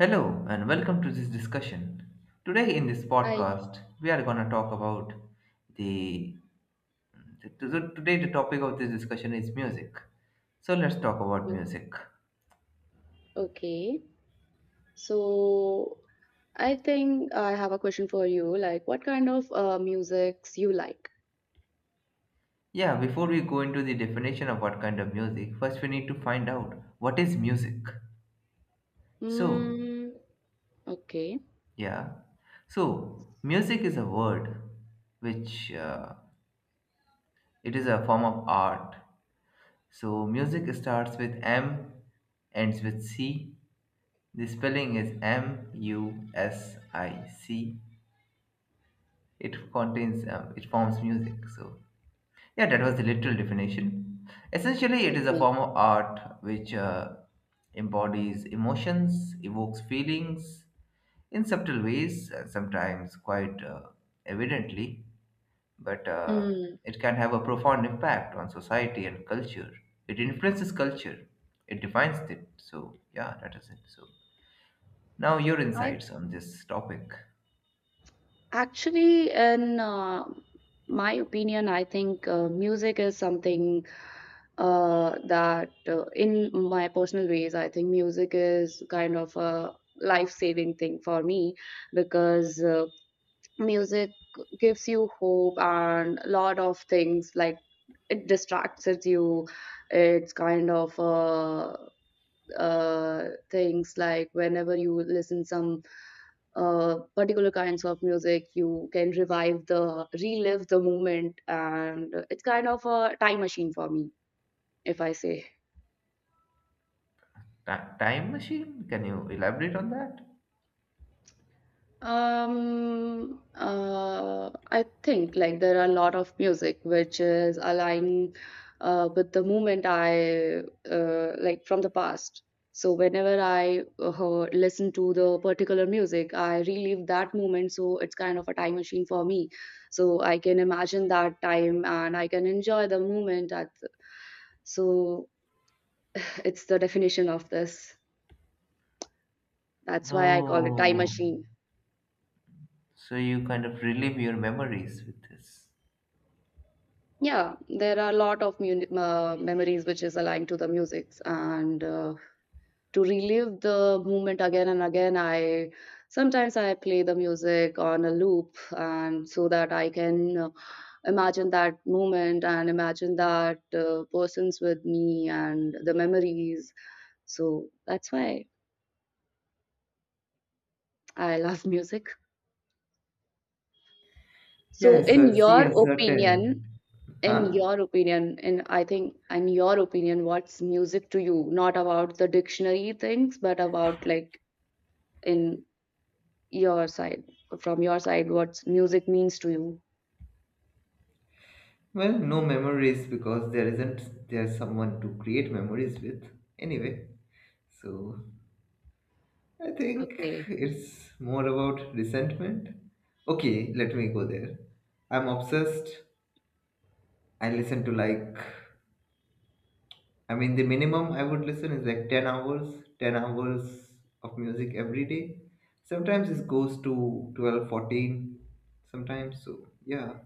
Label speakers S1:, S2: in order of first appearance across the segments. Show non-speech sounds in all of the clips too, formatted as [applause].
S1: Hello and welcome to this discussion. Today in this
S2: Hi.
S1: podcast, we are going to talk about the, the to- today the topic of this discussion is music. So let's talk about music.
S2: Okay. So I think I have a question for you. Like, what kind of musics you like?
S1: Yeah, before we go into the definition of what kind of music, first we need to find out what is music. So,
S2: Mm, okay.
S1: yeah. Music is a word which it is a form of art. So, music starts with M, ends with C. The spelling is MUSIC. It contains, it forms music. So, yeah, that was the literal definition. Essentially, it is a
S2: Okay.
S1: form of art which embodies emotions, evokes feelings in subtle ways, sometimes quite evidently, but
S2: Mm,
S1: it can have a profound impact on society and culture. It influences culture, it defines it. So, yeah, that is it. So, now, your
S2: I
S1: insights on this topic.
S2: actually, in my opinion, I think music is something in my personal ways, I think music is kind of a life-saving thing for me because music gives you hope and a lot of things like it distracts you. It's kind of things like whenever you listen some particular kinds of music you can revive the relive the moment, and it's kind of a time machine for me, if I say.
S1: Ti- time machine? Can you elaborate on that?
S2: I think like there are a lot of music which is aligned with the moment I like from the past. So whenever I listen to the particular music, I relive that moment. So it's kind of a time machine for me. So I can imagine that time and I can enjoy the moment. At so it's the definition of this. That's why I call it time
S1: Oh,
S2: machine.
S1: so you kind of relive your memories with this.
S2: Yeah, there are a lot of mun memories which is aligned to the music, and to relive the moment again and again, I sometimes I play the music on a loop, and so that I can imagine that moment and imagine that persons with me and the memories. So that's why I love [laughs] music. So,
S1: Yes,
S2: in
S1: see
S2: your
S1: a
S2: opinion,
S1: certain.
S2: in
S1: Huh?
S2: your opinion in I think in your opinion what's music to you? Not about the dictionary things, but about like in your side, from your side, what's music means to you?
S1: Well, no memories because there isn't there someone to create memories with. Anyway, so I think
S2: Okay.
S1: it's more about resentment. Okay, let me go there. I'm obsessed. I listen to like I mean, the minimum I would listen is like 10 hours, 10 hours of music every day. Sometimes it goes to 12, 14 sometimes. So, yeah,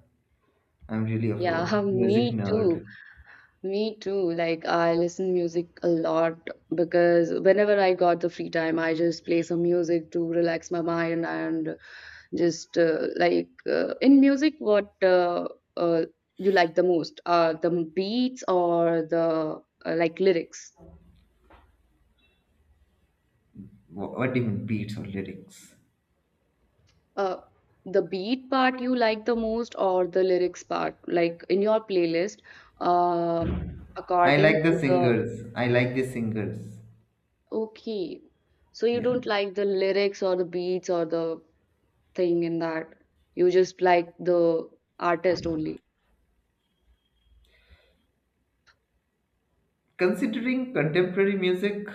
S1: I'm really of
S2: Yeah,
S1: a
S2: [laughs]
S1: music
S2: me too,
S1: nerd.
S2: like I listen music a lot because whenever I got the free time I just play some music to relax my mind. And just in music, what uh, you like the most? The beats or the like lyrics?
S1: Wha- What do you mean, beats or lyrics?
S2: Uh, the beat part you like the most, or the lyrics part? Like in your playlist, uh,
S1: I
S2: according
S1: like the
S2: to the.
S1: singers. I like the singers.
S2: Okay. So you
S1: Yeah.
S2: don't like the lyrics or the beats or the thing in that. You just like the artist only.
S1: Considering contemporary music,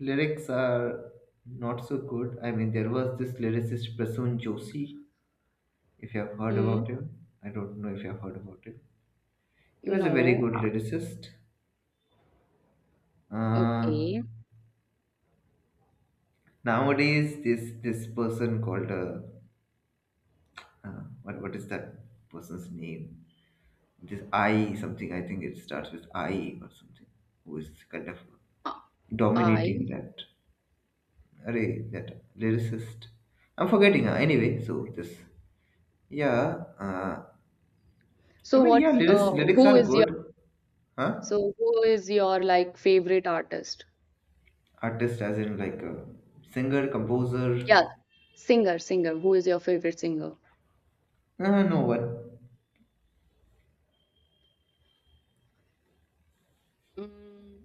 S1: lyrics are not so good. I mean, there was this lyricist Prasoon Joshi, if you have heard
S2: Hmm.
S1: about him. I don't know if you have heard about him. He was a very
S2: No.
S1: good
S2: uh,
S1: lyricist. Uh,
S2: Okay.
S1: Nowadays, this person called what is that person's name? This I something. I think it starts with I or something. Who is kind of
S2: Uh,
S1: dominating
S2: I
S1: that array that lyricist? I'm forgetting. Anyway, so this yeah. I
S2: So
S1: mean yeah,
S2: what's
S1: lyrics lyrics
S2: who
S1: are
S2: is your
S1: good. Huh?
S2: so who is your like favorite artist?
S1: Artist as in like a singer composer.
S2: Yeah, singer. Who is your favorite singer?
S1: No one.
S2: Mm,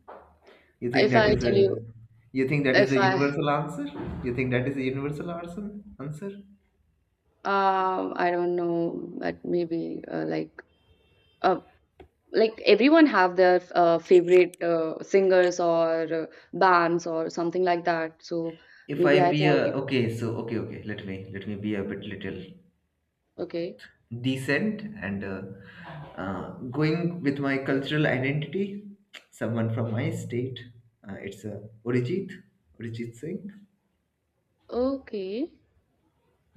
S1: You think
S2: if
S1: that
S2: I
S1: is
S2: tell you,
S1: a you think that is
S2: if
S1: a
S2: I
S1: universal answer? You think that is a universal answer? Answer?
S2: I don't know, but maybe uh like everyone have their favorite singers or bands or something like that. So
S1: If
S2: maybe
S1: I
S2: I
S1: be
S2: thought
S1: a
S2: you.
S1: okay, so okay. Let me be a bit little
S2: Okay,
S1: decent and uh, going with my cultural identity. Someone from my state. It's a Orijit Singh.
S2: okay,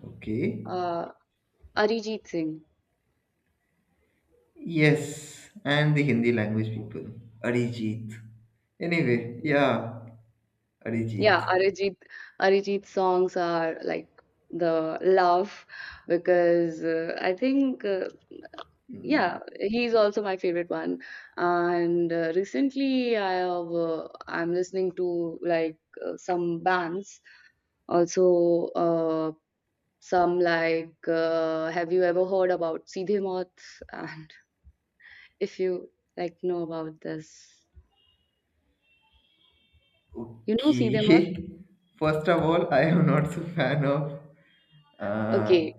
S1: Okay.
S2: uh, Arijit Singh.
S1: Yes, and the Hindi language people. Arijit. Anyway, yeah, Arijit.
S2: Yeah, Arijit songs are like the love, because I think yeah, he's also my favorite one. And recently, I'm listening to like some bands, also some like have you ever heard about Seedhe Mauth? And [laughs] if you like know about this, you know Seedhe Mauth?
S1: Okay. [laughs] First of all, I am not so fan of uh,
S2: Okay,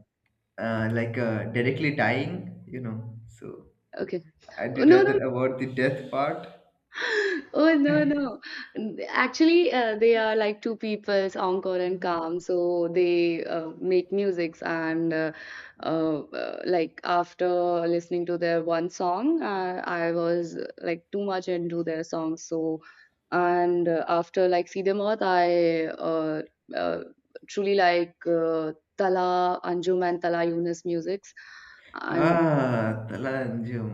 S1: like directly dying, you know. So
S2: okay.
S1: I did
S2: No,
S1: rather about the death part.
S2: Oh, no, no. Actually, they are like two people, Angkor and Kam. So they make musics, and like after listening to their one song, I was like too much into their songs. So and after like Siddhamath, I uh, truly like Tala Anjum and Tala Yunus musics. And
S1: Ah, Talanjum.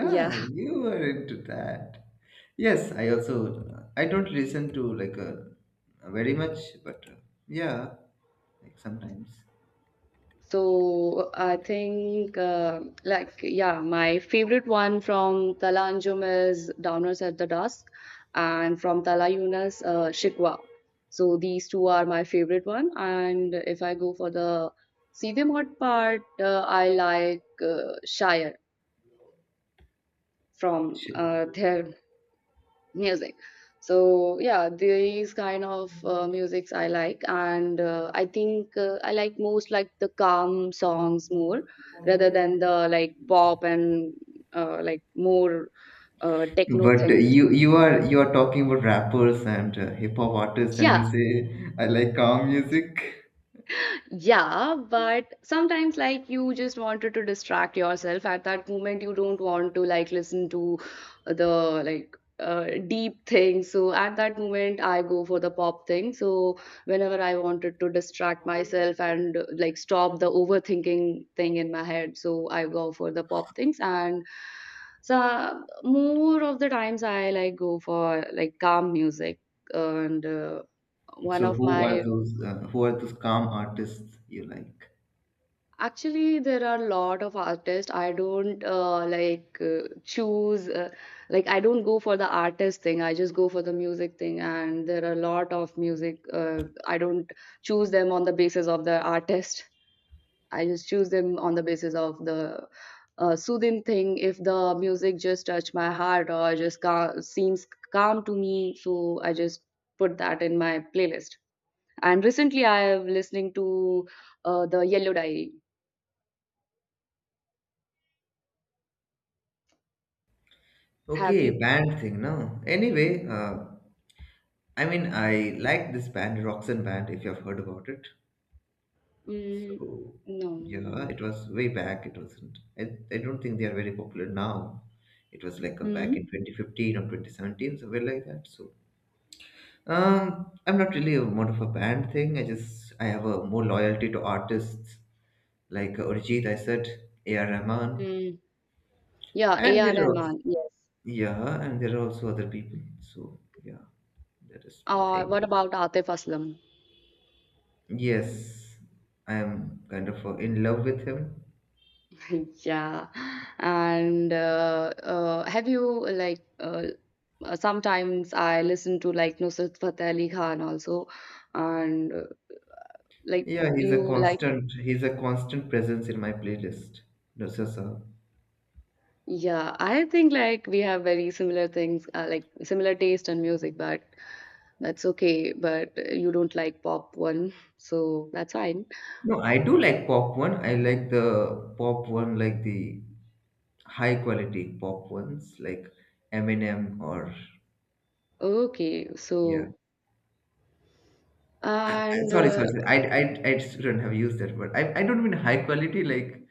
S2: yeah.
S1: you were into that. Yes, I also I don't listen to like very much, but yeah, like sometimes.
S2: So I think, yeah, my favorite one from Tala Anjum is Downers at the Dusk, and from Tala Yunus, Shikwa. So these two are my favorite one. And if I go for the Sidhe Mod part, I like Shire from
S1: Sh-
S2: their music. So yeah, these kind of musics I like, and I like most like the calm songs more rather than the like pop and like more techno
S1: But
S2: things.
S1: you are you are talking about rappers and hip hop artists, and you
S2: Yeah.
S1: say I like calm music.
S2: Yeah, but sometimes like you just wanted to distract yourself at that moment. You don't want to like listen to the like deep thing. So at that moment, I go for the pop thing. So whenever I wanted to distract myself and like stop the overthinking thing in my head, so I go for the pop things. And so more of the times, I like go for like calm music and. One
S1: So
S2: of my.
S1: who are those calm artists you like?
S2: Actually, there are a lot of artists. I don't choose, like, I don't go for the artist thing. I just go for the music thing. And there are a lot of music. I don't choose them on the basis of the artist. I just choose them on the basis of the soothing thing. If the music just touch my heart or just seems calm to me, so I just put that in my playlist. And recently, I have listening to the Yellow Diary. Have
S1: Okay,
S2: you?
S1: band thing, no. Anyway, I mean I like this band, Roxanne Band, if you have heard about it.
S2: Mm,
S1: So
S2: no.
S1: yeah, it was way back. It wasn't. I don't think they are very popular now. It was like back in
S2: Hmm.
S1: 2015 or 2017, somewhere like that. So I'm not really a more of a band thing. I just I have a more loyalty to artists like Urjit, I said, A.R. Rahman,
S2: Mm, yeah,
S1: and
S2: A.R.
S1: there are also,
S2: Rahman, yes.
S1: yeah, and there are also other people. So yeah, that is my thing.
S2: What about Atif Aslam?
S1: Yes, I am kind of in love with him.
S2: [laughs] Yeah. And have you like sometimes I listen to like Nusrat Fateh Ali Khan also, and like
S1: Yeah, he's a
S2: you like.
S1: constant. He's a constant presence in my playlist. No, sir, sir.
S2: Yeah, I think like we have very similar things, like similar taste in music, but that's okay. But you don't like pop one, so that's fine.
S1: No, I do like pop one. I like the pop one, like the high quality pop ones like Eminem or
S2: Okay,
S1: yeah.
S2: so and
S1: Sorry, sorry, sorry. I shouldn't have used that word. I don't mean high quality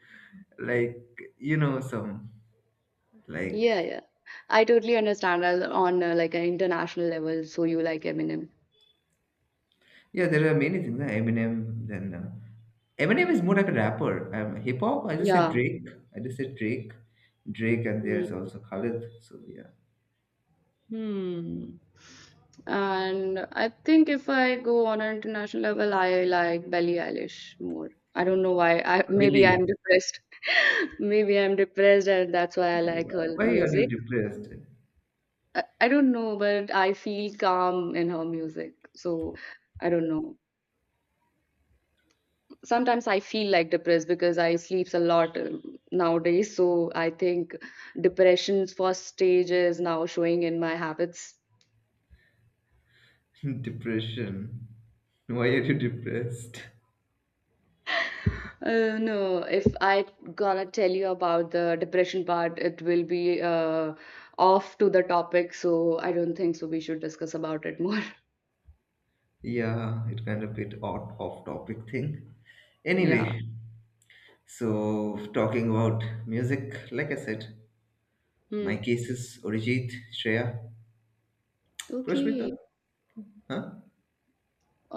S1: like you know some like
S2: yeah, yeah. I totally understand that on like an international level, so you like Eminem.
S1: yeah. There are many things. Eminem then Eminem is more like a rapper. Hip hop. I just said
S2: Yeah.
S1: Drake. I just said Drake. Drake and
S2: Mm.
S1: there's also Khalid. So yeah.
S2: Hmm. And I think if I go on an international level, I like Billie Eilish more. I don't know why. I maybe
S1: Billy,
S2: I'm depressed. [laughs] Maybe I'm depressed, and that's why I like her
S1: why are you
S2: music.
S1: depressed?
S2: I don't know, but I feel calm in her music. So I don't know. Sometimes I feel like depressed because I sleeps a lot, nowadays, so I think depression's first stage is now showing in my habits.
S1: [laughs] Depression. Why are you depressed?
S2: No, if I gonna tell you about the depression part it will be off to the topic, so I don't think so we should discuss about it more.
S1: Yeah, it kind of bit odd off topic thing.
S2: [laughs] Yeah.
S1: Anyway, so talking about music, like I said, my
S2: Hmm.
S1: case is Arijit, Shreya, Prashmita,
S2: Okay.
S1: huh?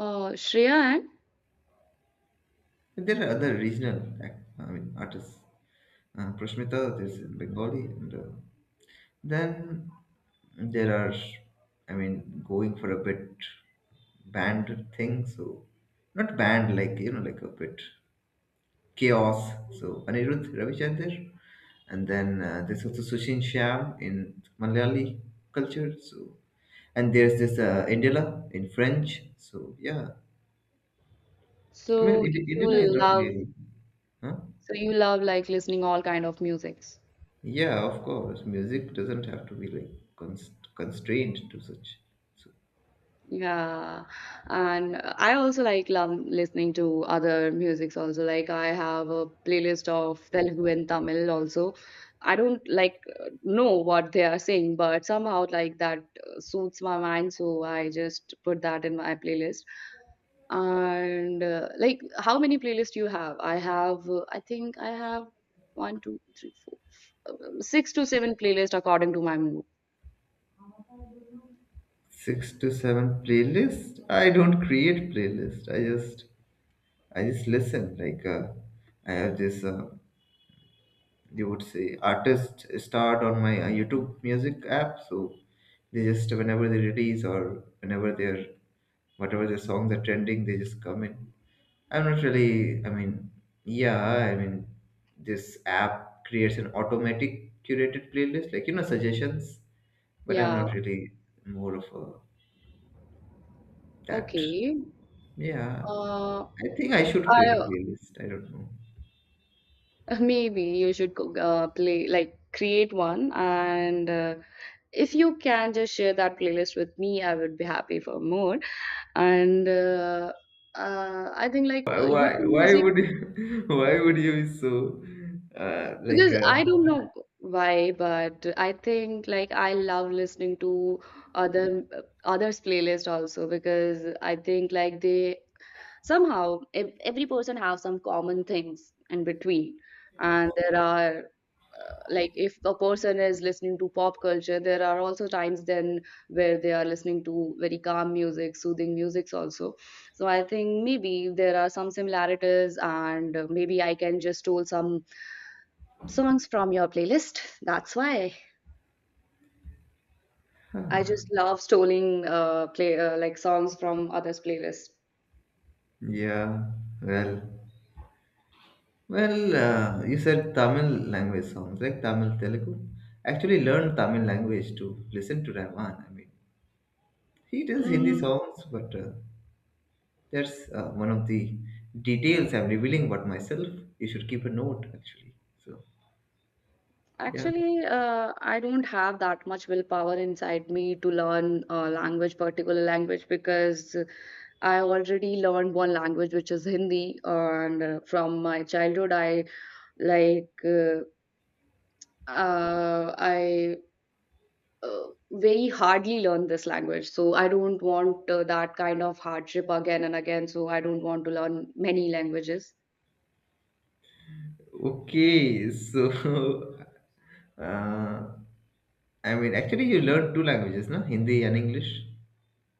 S2: Shreya.
S1: And there are other regional, ac- I mean, artists. Prashmita, there's
S2: And
S1: in Bengali, and then there are, I mean, going for a bit band thing. So, not band like you know, like a bit. Chaos. So Anirudh Ravichander, and then there's also Sushin Sham in Malayali culture. So and there's this Indila in French. So yeah, I mean
S2: so
S1: Ind- Indila is
S2: you
S1: not
S2: love,
S1: really, huh?
S2: so you love like listening all kind of music?
S1: Yeah, of course, music doesn't have to be like const- constrained to such. So
S2: Yeah, and I also like love listening to other musics also. Like I have a playlist of Telugu and Tamil also. I don't like know what they are saying, but somehow like that suits my mind, so I just put that in my playlist. And how many playlists you have? I have, I think I have one, two, three, four, six to seven playlists according to my mood.
S1: six to seven playlist. I don't create playlist. I just listen. Like I have this. You would say artists start on my YouTube music app. So they just whenever they release or whenever they're whatever their songs are trending, they just come in. I'm not really. I mean, yeah. I mean, this app creates an automatic curated playlist, like you know suggestions. But I'm
S2: Yeah,
S1: not really more of a that.
S2: okay.
S1: Yeah,
S2: Uh,
S1: I think I should create a
S2: I
S1: playlist. I don't know.
S2: [laughs] Maybe you should co- play like create one, and if you can just share that playlist with me, I would be happy for more. And I think like YouTube
S1: Why
S2: music,
S1: would you, [laughs] why would you be so like
S2: because I don't know why, but I think like I love listening to other others' playlist also, because I think like they somehow every person have some common things in between, and there are like if a person is listening to pop culture there are also times then where they are listening to very calm music, soothing musics also. So I think maybe there are some similarities, and maybe I can just stole some songs from your playlist, that's why I just love stealing play like songs from others playlists.
S1: yeah, well, well, you said Tamil language songs like Tamil Telugu actually learned Tamil language to listen to Rahman. I mean he does Hindi songs but that's one of the details I'm revealing about myself. You should keep a note actually. So yeah,
S2: Actually, I don't have that much willpower inside me to learn a language, particular language, because I already learned one language, which is Hindi, and from my childhood, I like I uh, very hardly learned this language. So I don't want that kind of hardship again and again. So I don't want to learn many languages.
S1: okay, so [laughs] uh, I mean actually you learned two languages, no, Hindi and English.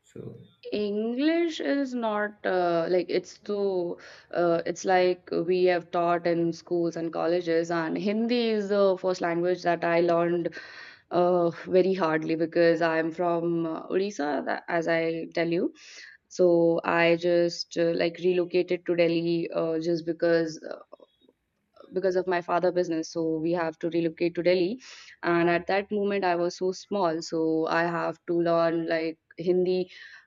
S1: So, so
S2: English is not like it's too it's like we have taught in schools and colleges, and Hindi is the first language that I learned very hardly, because I'm from Odisha, as I tell you. So I just like relocated to Delhi, just because of my father business, so we have to relocate to Delhi. And at that moment I was so small, so I have to learn like Hindi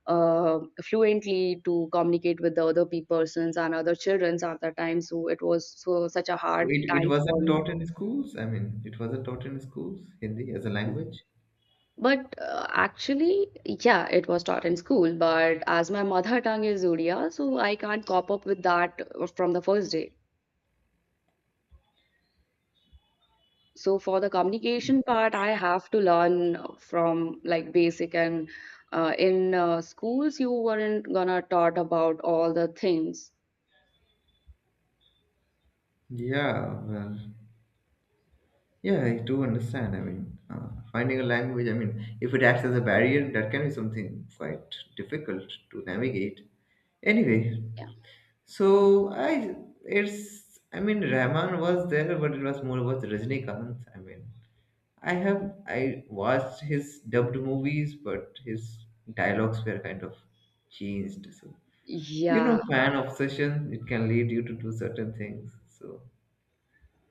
S2: uh, fluently to communicate with the other persons and other children at that time. So it was so such a hard
S1: it, it
S2: time for
S1: wasn't
S2: me.
S1: taught in schools. I mean, it wasn't taught in schools, Hindi as a language.
S2: But actually, yeah, it was taught in school. But as my mother tongue is Odia, so I can't cop up with that from the first day. So for the communication part, I have to learn from like basic, and in schools you weren't gonna taught about all the things.
S1: Yeah, well, yeah, I do understand. I mean, finding a language, I mean, if it acts as a barrier, that can be something quite difficult to navigate. Anyway,
S2: Yeah.
S1: so I, it's, I mean, Rahman was there, but it was more about Rajinikanth. I mean, I have, I watched his dubbed movies, but his dialogues were kind of changed. So you know
S2: Yeah,
S1: fan obsession it can lead you to do certain things. So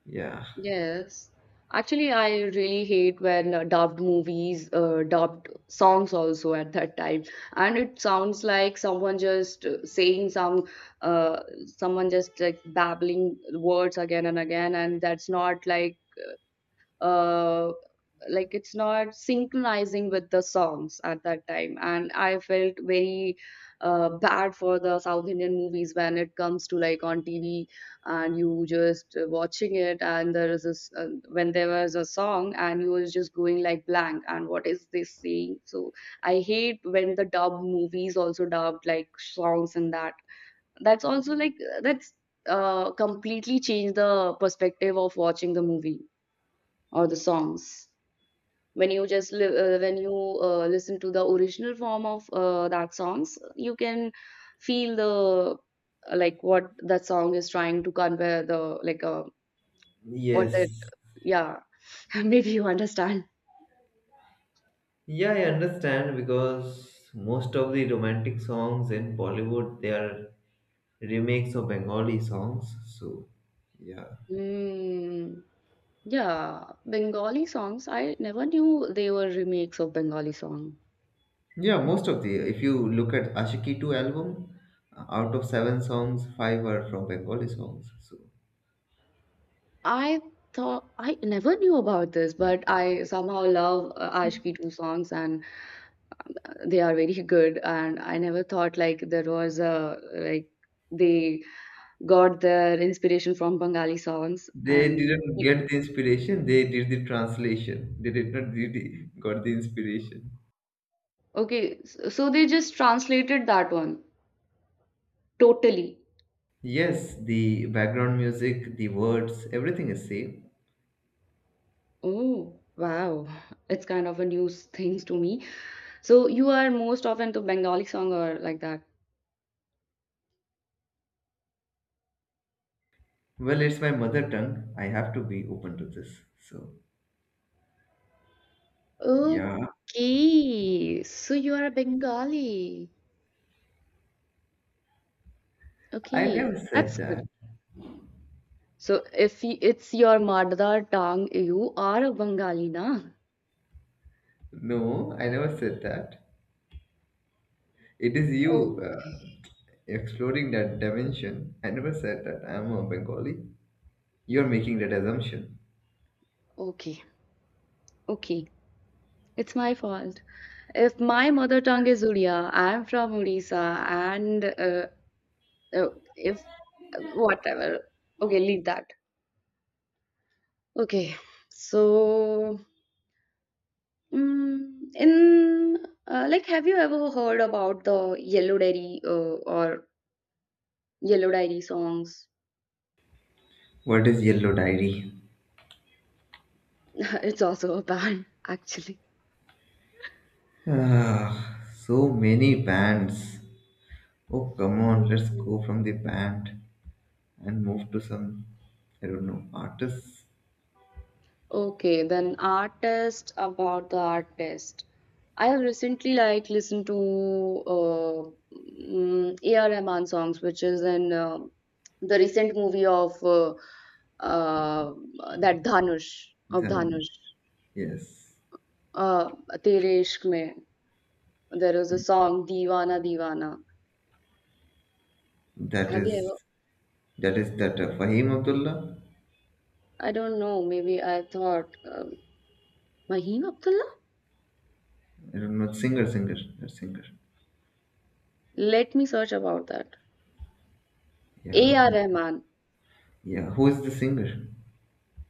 S1: yeah,
S2: yes. Actually, I really hate when dubbed movies, dubbed songs also at that time, and it sounds like someone just saying some, uh, someone just like babbling words again and again, and that's not like uh like it's not synchronizing with the songs at that time. And I felt very bad for the South Indian movies when it comes to like on TV, and you just watching it. And there is this when there was a song and you was just going like blank and what is this saying. So I hate when the dub movies also dubbed like songs, and that's also like that's completely changed the perspective of watching the movie or the songs. When you just when you listen to the original form of that songs, you can feel the like what that song is trying to convey. The like what that,
S1: yes,
S2: yeah. [laughs] Maybe you understand.
S1: yeah, I understand because most of the romantic songs in Bollywood they are remakes of Bengali songs. So yeah,
S2: mm, yeah, Bengali songs I never knew they were remakes of Bengali song.
S1: yeah, most of the if you look at Ashiki 2 album out of seven songs five are from Bengali songs. So
S2: I thought I never knew about this, but I somehow love ashki 2 songs. And they are very good, and I never thought like there was a like they got their inspiration from Bengali songs.
S1: they
S2: And
S1: didn't get the inspiration, they did the translation, they did not really got the inspiration.
S2: okay, so they just translated that one totally.
S1: Yes, the background music, the words, everything is same.
S2: Oh, wow. It's kind of a new things to me. So you are most often to Bengali song or like that.
S1: Well, it's my mother tongue. I have to be open to this. So, yeah,
S2: Okay, so you are a Bengali.
S1: I
S2: Okay,
S1: never said
S2: that's good.
S1: that.
S2: So if it's your mother tongue, you are a Bengali, na?
S1: No, I never said that. It is you
S2: Okay,
S1: exploring that dimension. I never said that. I'm a Bengali. You're making that assumption.
S2: okay, okay. It's my fault. If my mother tongue is Odia, I'm from Odisha, and uh, if whatever. Okay, leave that. Okay, so in like, have you ever heard about the Yellow Diary or Yellow Diary songs?
S1: What is Yellow Diary?
S2: [laughs] It's also a band, actually.
S1: Ah, so many bands. Oh, come on, let's
S2: Mm.
S1: go from the band and move to some, I don't know, artists.
S2: Okay, then artist about the artist. I have recently like listened to A.R. Rahman songs, which is in the recent movie of uh, that Dhanush of
S1: Then,
S2: Dhanush.
S1: yes,
S2: Uh, Tere Ishq Mein. There was a song Divana Divana.
S1: that
S2: Have
S1: is
S2: you
S1: that is that Fahim Abdullah.
S2: ever? I don't know. Maybe I thought Mahim Abdullah.
S1: I don't know singer, singer, that singer.
S2: Let me search about that.
S1: Yeah,
S2: A.R. Rahman.
S1: yeah. Who is the singer?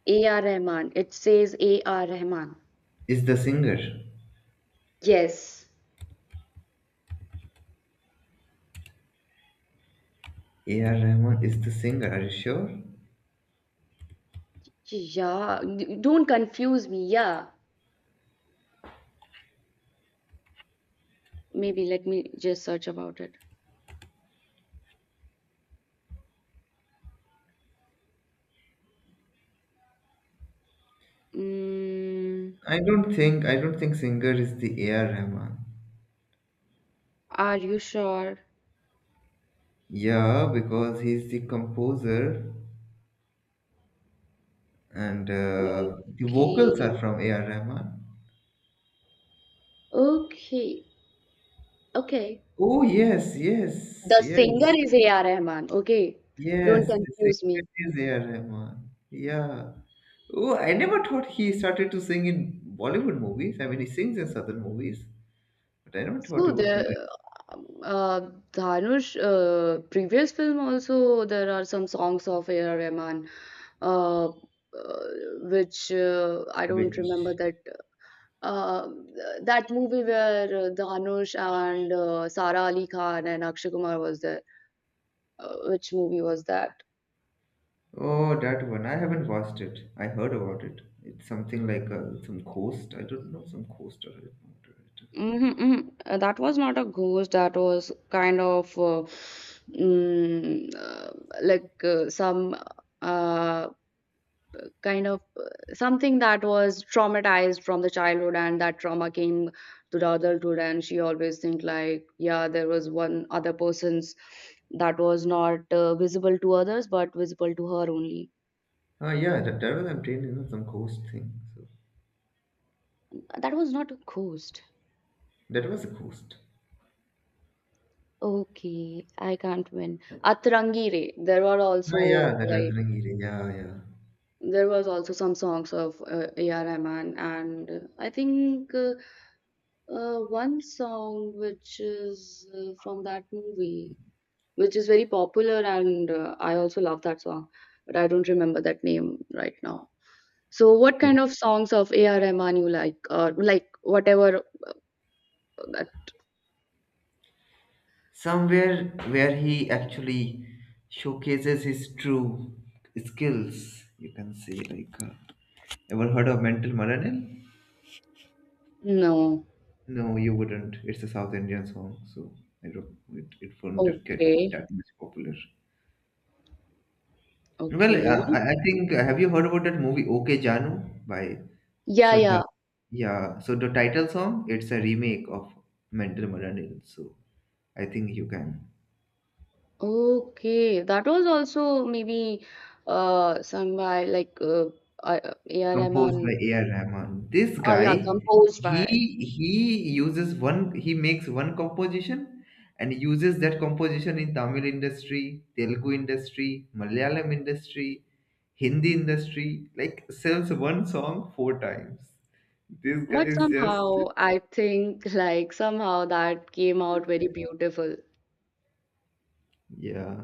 S2: A.R. Rahman. It says A.R. Rahman.
S1: Is the singer
S2: Yes.
S1: A.R. Rahman? Is the singer? Are you sure?
S2: Yeah. Don't confuse me. Yeah. Maybe let me just search about it. Mm,
S1: I don't think singer is the A.R. Rahman.
S2: are you sure?
S1: Yeah, because he's the composer and the vocals
S2: Okay.
S1: are from A.R. Rahman.
S2: Okay. Okay.
S1: Oh yes, yes,
S2: The singer
S1: yes.
S2: is A.R. Rahman. Okay. Don't
S1: Yes, the
S2: confuse
S1: singer
S2: me.
S1: is A. R. Rahman. Yeah. Oh, I never thought he started to sing in Bollywood movies. I mean, he sings in Southern movies, but I never thought
S2: So
S1: he would do it.
S2: the uh, Dhanush previous film also there are some songs of A.R. Rahman, uh, uh, which I don't
S1: Which?
S2: remember uh, that movie where Dhanush and Sara Ali Khan and Akshay Kumar was there. Which movie was that?
S1: Oh, that one. I haven't watched it. I heard about it. It's something like some coast. I don't know, some coast or it.
S2: Mm-hmm, mm-hmm. That was not a ghost. That was kind of mm, uh, like some uh, kind of something that was traumatized from the childhood, and that trauma came to the adulthood, and she always think like yeah there was one other person's that was not visible to others but visible to her only.
S1: Ah, yeah, that, that was I'm trained in some coast thing. So
S2: That was not a ghost.
S1: that was a coast.
S2: Okay, I can't win. Atrangi Re. There were also
S1: Ah, yeah, the
S2: like
S1: Ratnagiri. Yeah,
S2: there was also some songs of A.R. Rahman. And I think one song which is from that movie which is very popular, and I also love that song, but I don't remember that name right now. So what
S1: yeah,
S2: kind of songs of A.R. Rahman you like? Or like whatever that,
S1: somewhere where he actually showcases his true skills. You can say, like, ever heard of Mental Maranil?
S2: no.
S1: No, you wouldn't. It's a South Indian song, so I don't, it won't get
S2: Okay.
S1: that much popular. Well,
S2: Okay.
S1: I think, have you heard about that movie OK Janu by
S2: Yeah,
S1: Shraddha?
S2: yeah.
S1: Yeah, so the title song, it's a remake of Mental Maranil, so I think you can.
S2: Okay. That was also maybe sung by like A.R.
S1: Composed by
S2: Rahman.
S1: A.R. Rahman. This
S2: Yeah,
S1: guy,
S2: composed
S1: he
S2: by.
S1: he uses one, he makes one composition and uses that composition in Tamil industry, Telugu industry, Malayalam industry, Hindi industry. Like sells one song four times. This guy
S2: But
S1: is just
S2: somehow I think [laughs] like somehow that came out very beautiful.
S1: yeah.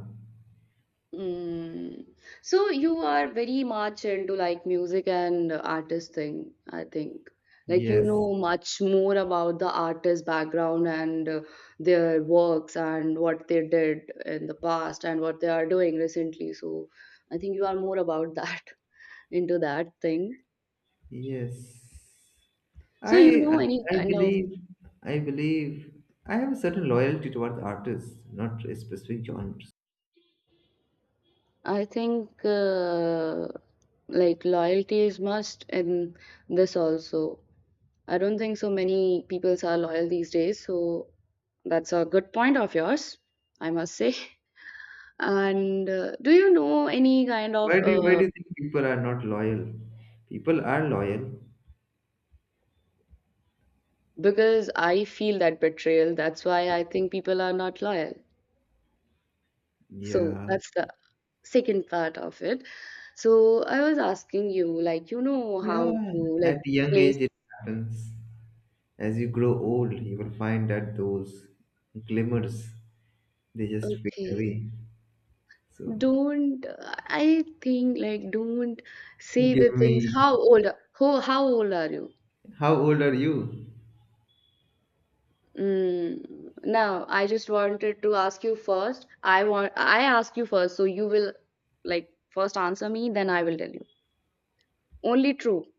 S2: Mm. So you are very much into like music and artist thing, I think. Like you
S1: Yes.
S2: know much more about the artist background and their works and what they did in the past and what they are doing recently. So I think you are more about that [laughs] into that thing.
S1: Yes.
S2: So
S1: I
S2: you
S1: I
S2: know any
S1: I
S2: kind of
S1: believe I believe I have a certain loyalty towards artists, not a specific genre.
S2: I think like loyalty is must in this also. I don't think so many peoples are loyal these days. So that's a good point of yours, I must say. [laughs] And do you know any kind of
S1: Why do you think people are not loyal? People are loyal.
S2: because I feel that betrayal, that's why I think people are not loyal. So
S1: Yeah.
S2: that's the second part of it. So I was asking you, like, you know how
S1: Yeah.
S2: to
S1: At
S2: like
S1: young
S2: place.
S1: age it happens. As you grow old, you will find that those glimmers they just fade
S2: Okay.
S1: away. So
S2: Don't, I think, like, don't say
S1: give
S2: the things.
S1: me
S2: How old are you?
S1: how old are you?
S2: No, I just wanted to ask you first. I ask you first, so you will like first answer me, then I will tell you. Only true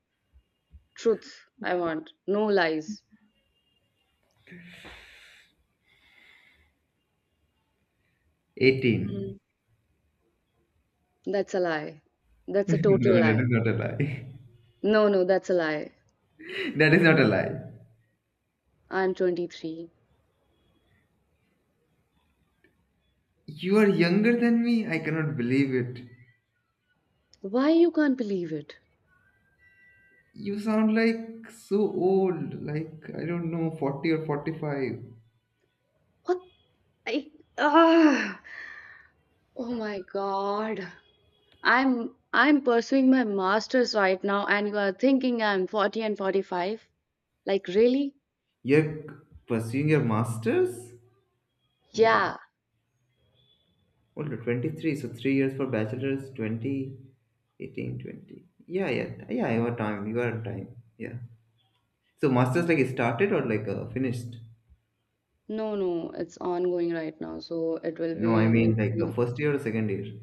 S2: truth I want. No lies.
S1: 18.
S2: Hmm. That's a lie.
S1: [laughs]
S2: That's a
S1: No,
S2: total
S1: that is
S2: lie.
S1: not a lie.
S2: No, no, that's a lie.
S1: [laughs] That is not a lie.
S2: I'm 23.
S1: You are younger than me. I cannot believe it.
S2: Why you can't believe it?
S1: You sound like so old, like I don't know, 40 or 45.
S2: What? I ah. Oh my God. I'm pursuing my master's right now, and you are thinking I'm 40 and 45? Like really?
S1: You're pursuing your master's? Hold on.
S2: Yeah,
S1: Hold on. 23. So 3 years for bachelor's, 20 18, 20. Yeah, yeah. Yeah, you are time. You are time. Yeah. So master's like started or like finished?
S2: no, no, it's ongoing right now, so it will
S1: No, I
S2: be
S1: mean like the
S2: maybe
S1: first year or second year.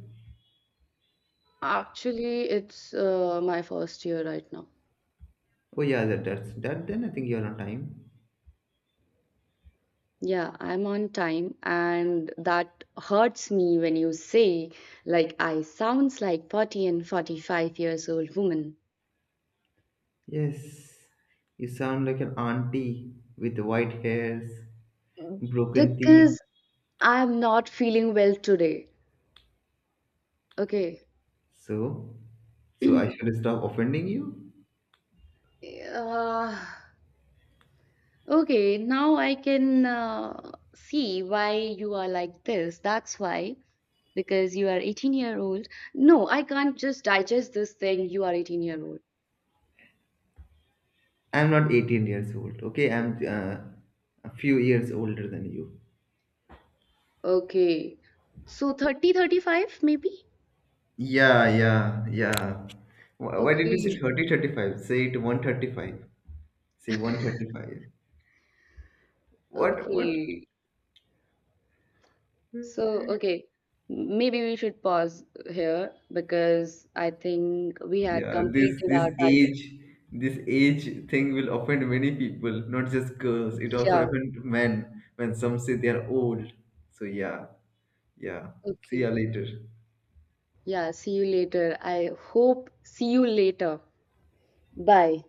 S2: actually it's my first year right now.
S1: Oh yeah, that, that's that. Then I think you're on time.
S2: Yeah, I'm on time, and that hurts me when you say like I sounds like 40 and 45 years old woman
S1: Yes. You sound like an auntie with white hairs, broken teeth.
S2: because I'm not feeling well today. Okay.
S1: So, so I should
S2: [clears throat]
S1: stop offending you?
S2: Uh, okay, now I can see why you are like this. That's why because you are 18-year old. No, I can't just digest this thing. You are 18-year old.
S1: I'm not 18 years old. Okay, I'm a few years older than you.
S2: Okay, so 30, 35, maybe.
S1: Yeah, yeah, yeah. Wh- Why did you say
S2: Okay,
S1: 35? Say it 135. Say 135. What, what?
S2: okay, so okay, maybe we should pause here because I think we had
S1: Yeah, this
S2: completed
S1: this
S2: our time period.
S1: age, this age thing will offend many people, not just girls. It also
S2: Yeah.
S1: offends men when some say they are old. So yeah, yeah. See
S2: Okay,
S1: ya later.
S2: yeah, see you later, I hope. See you later. Bye.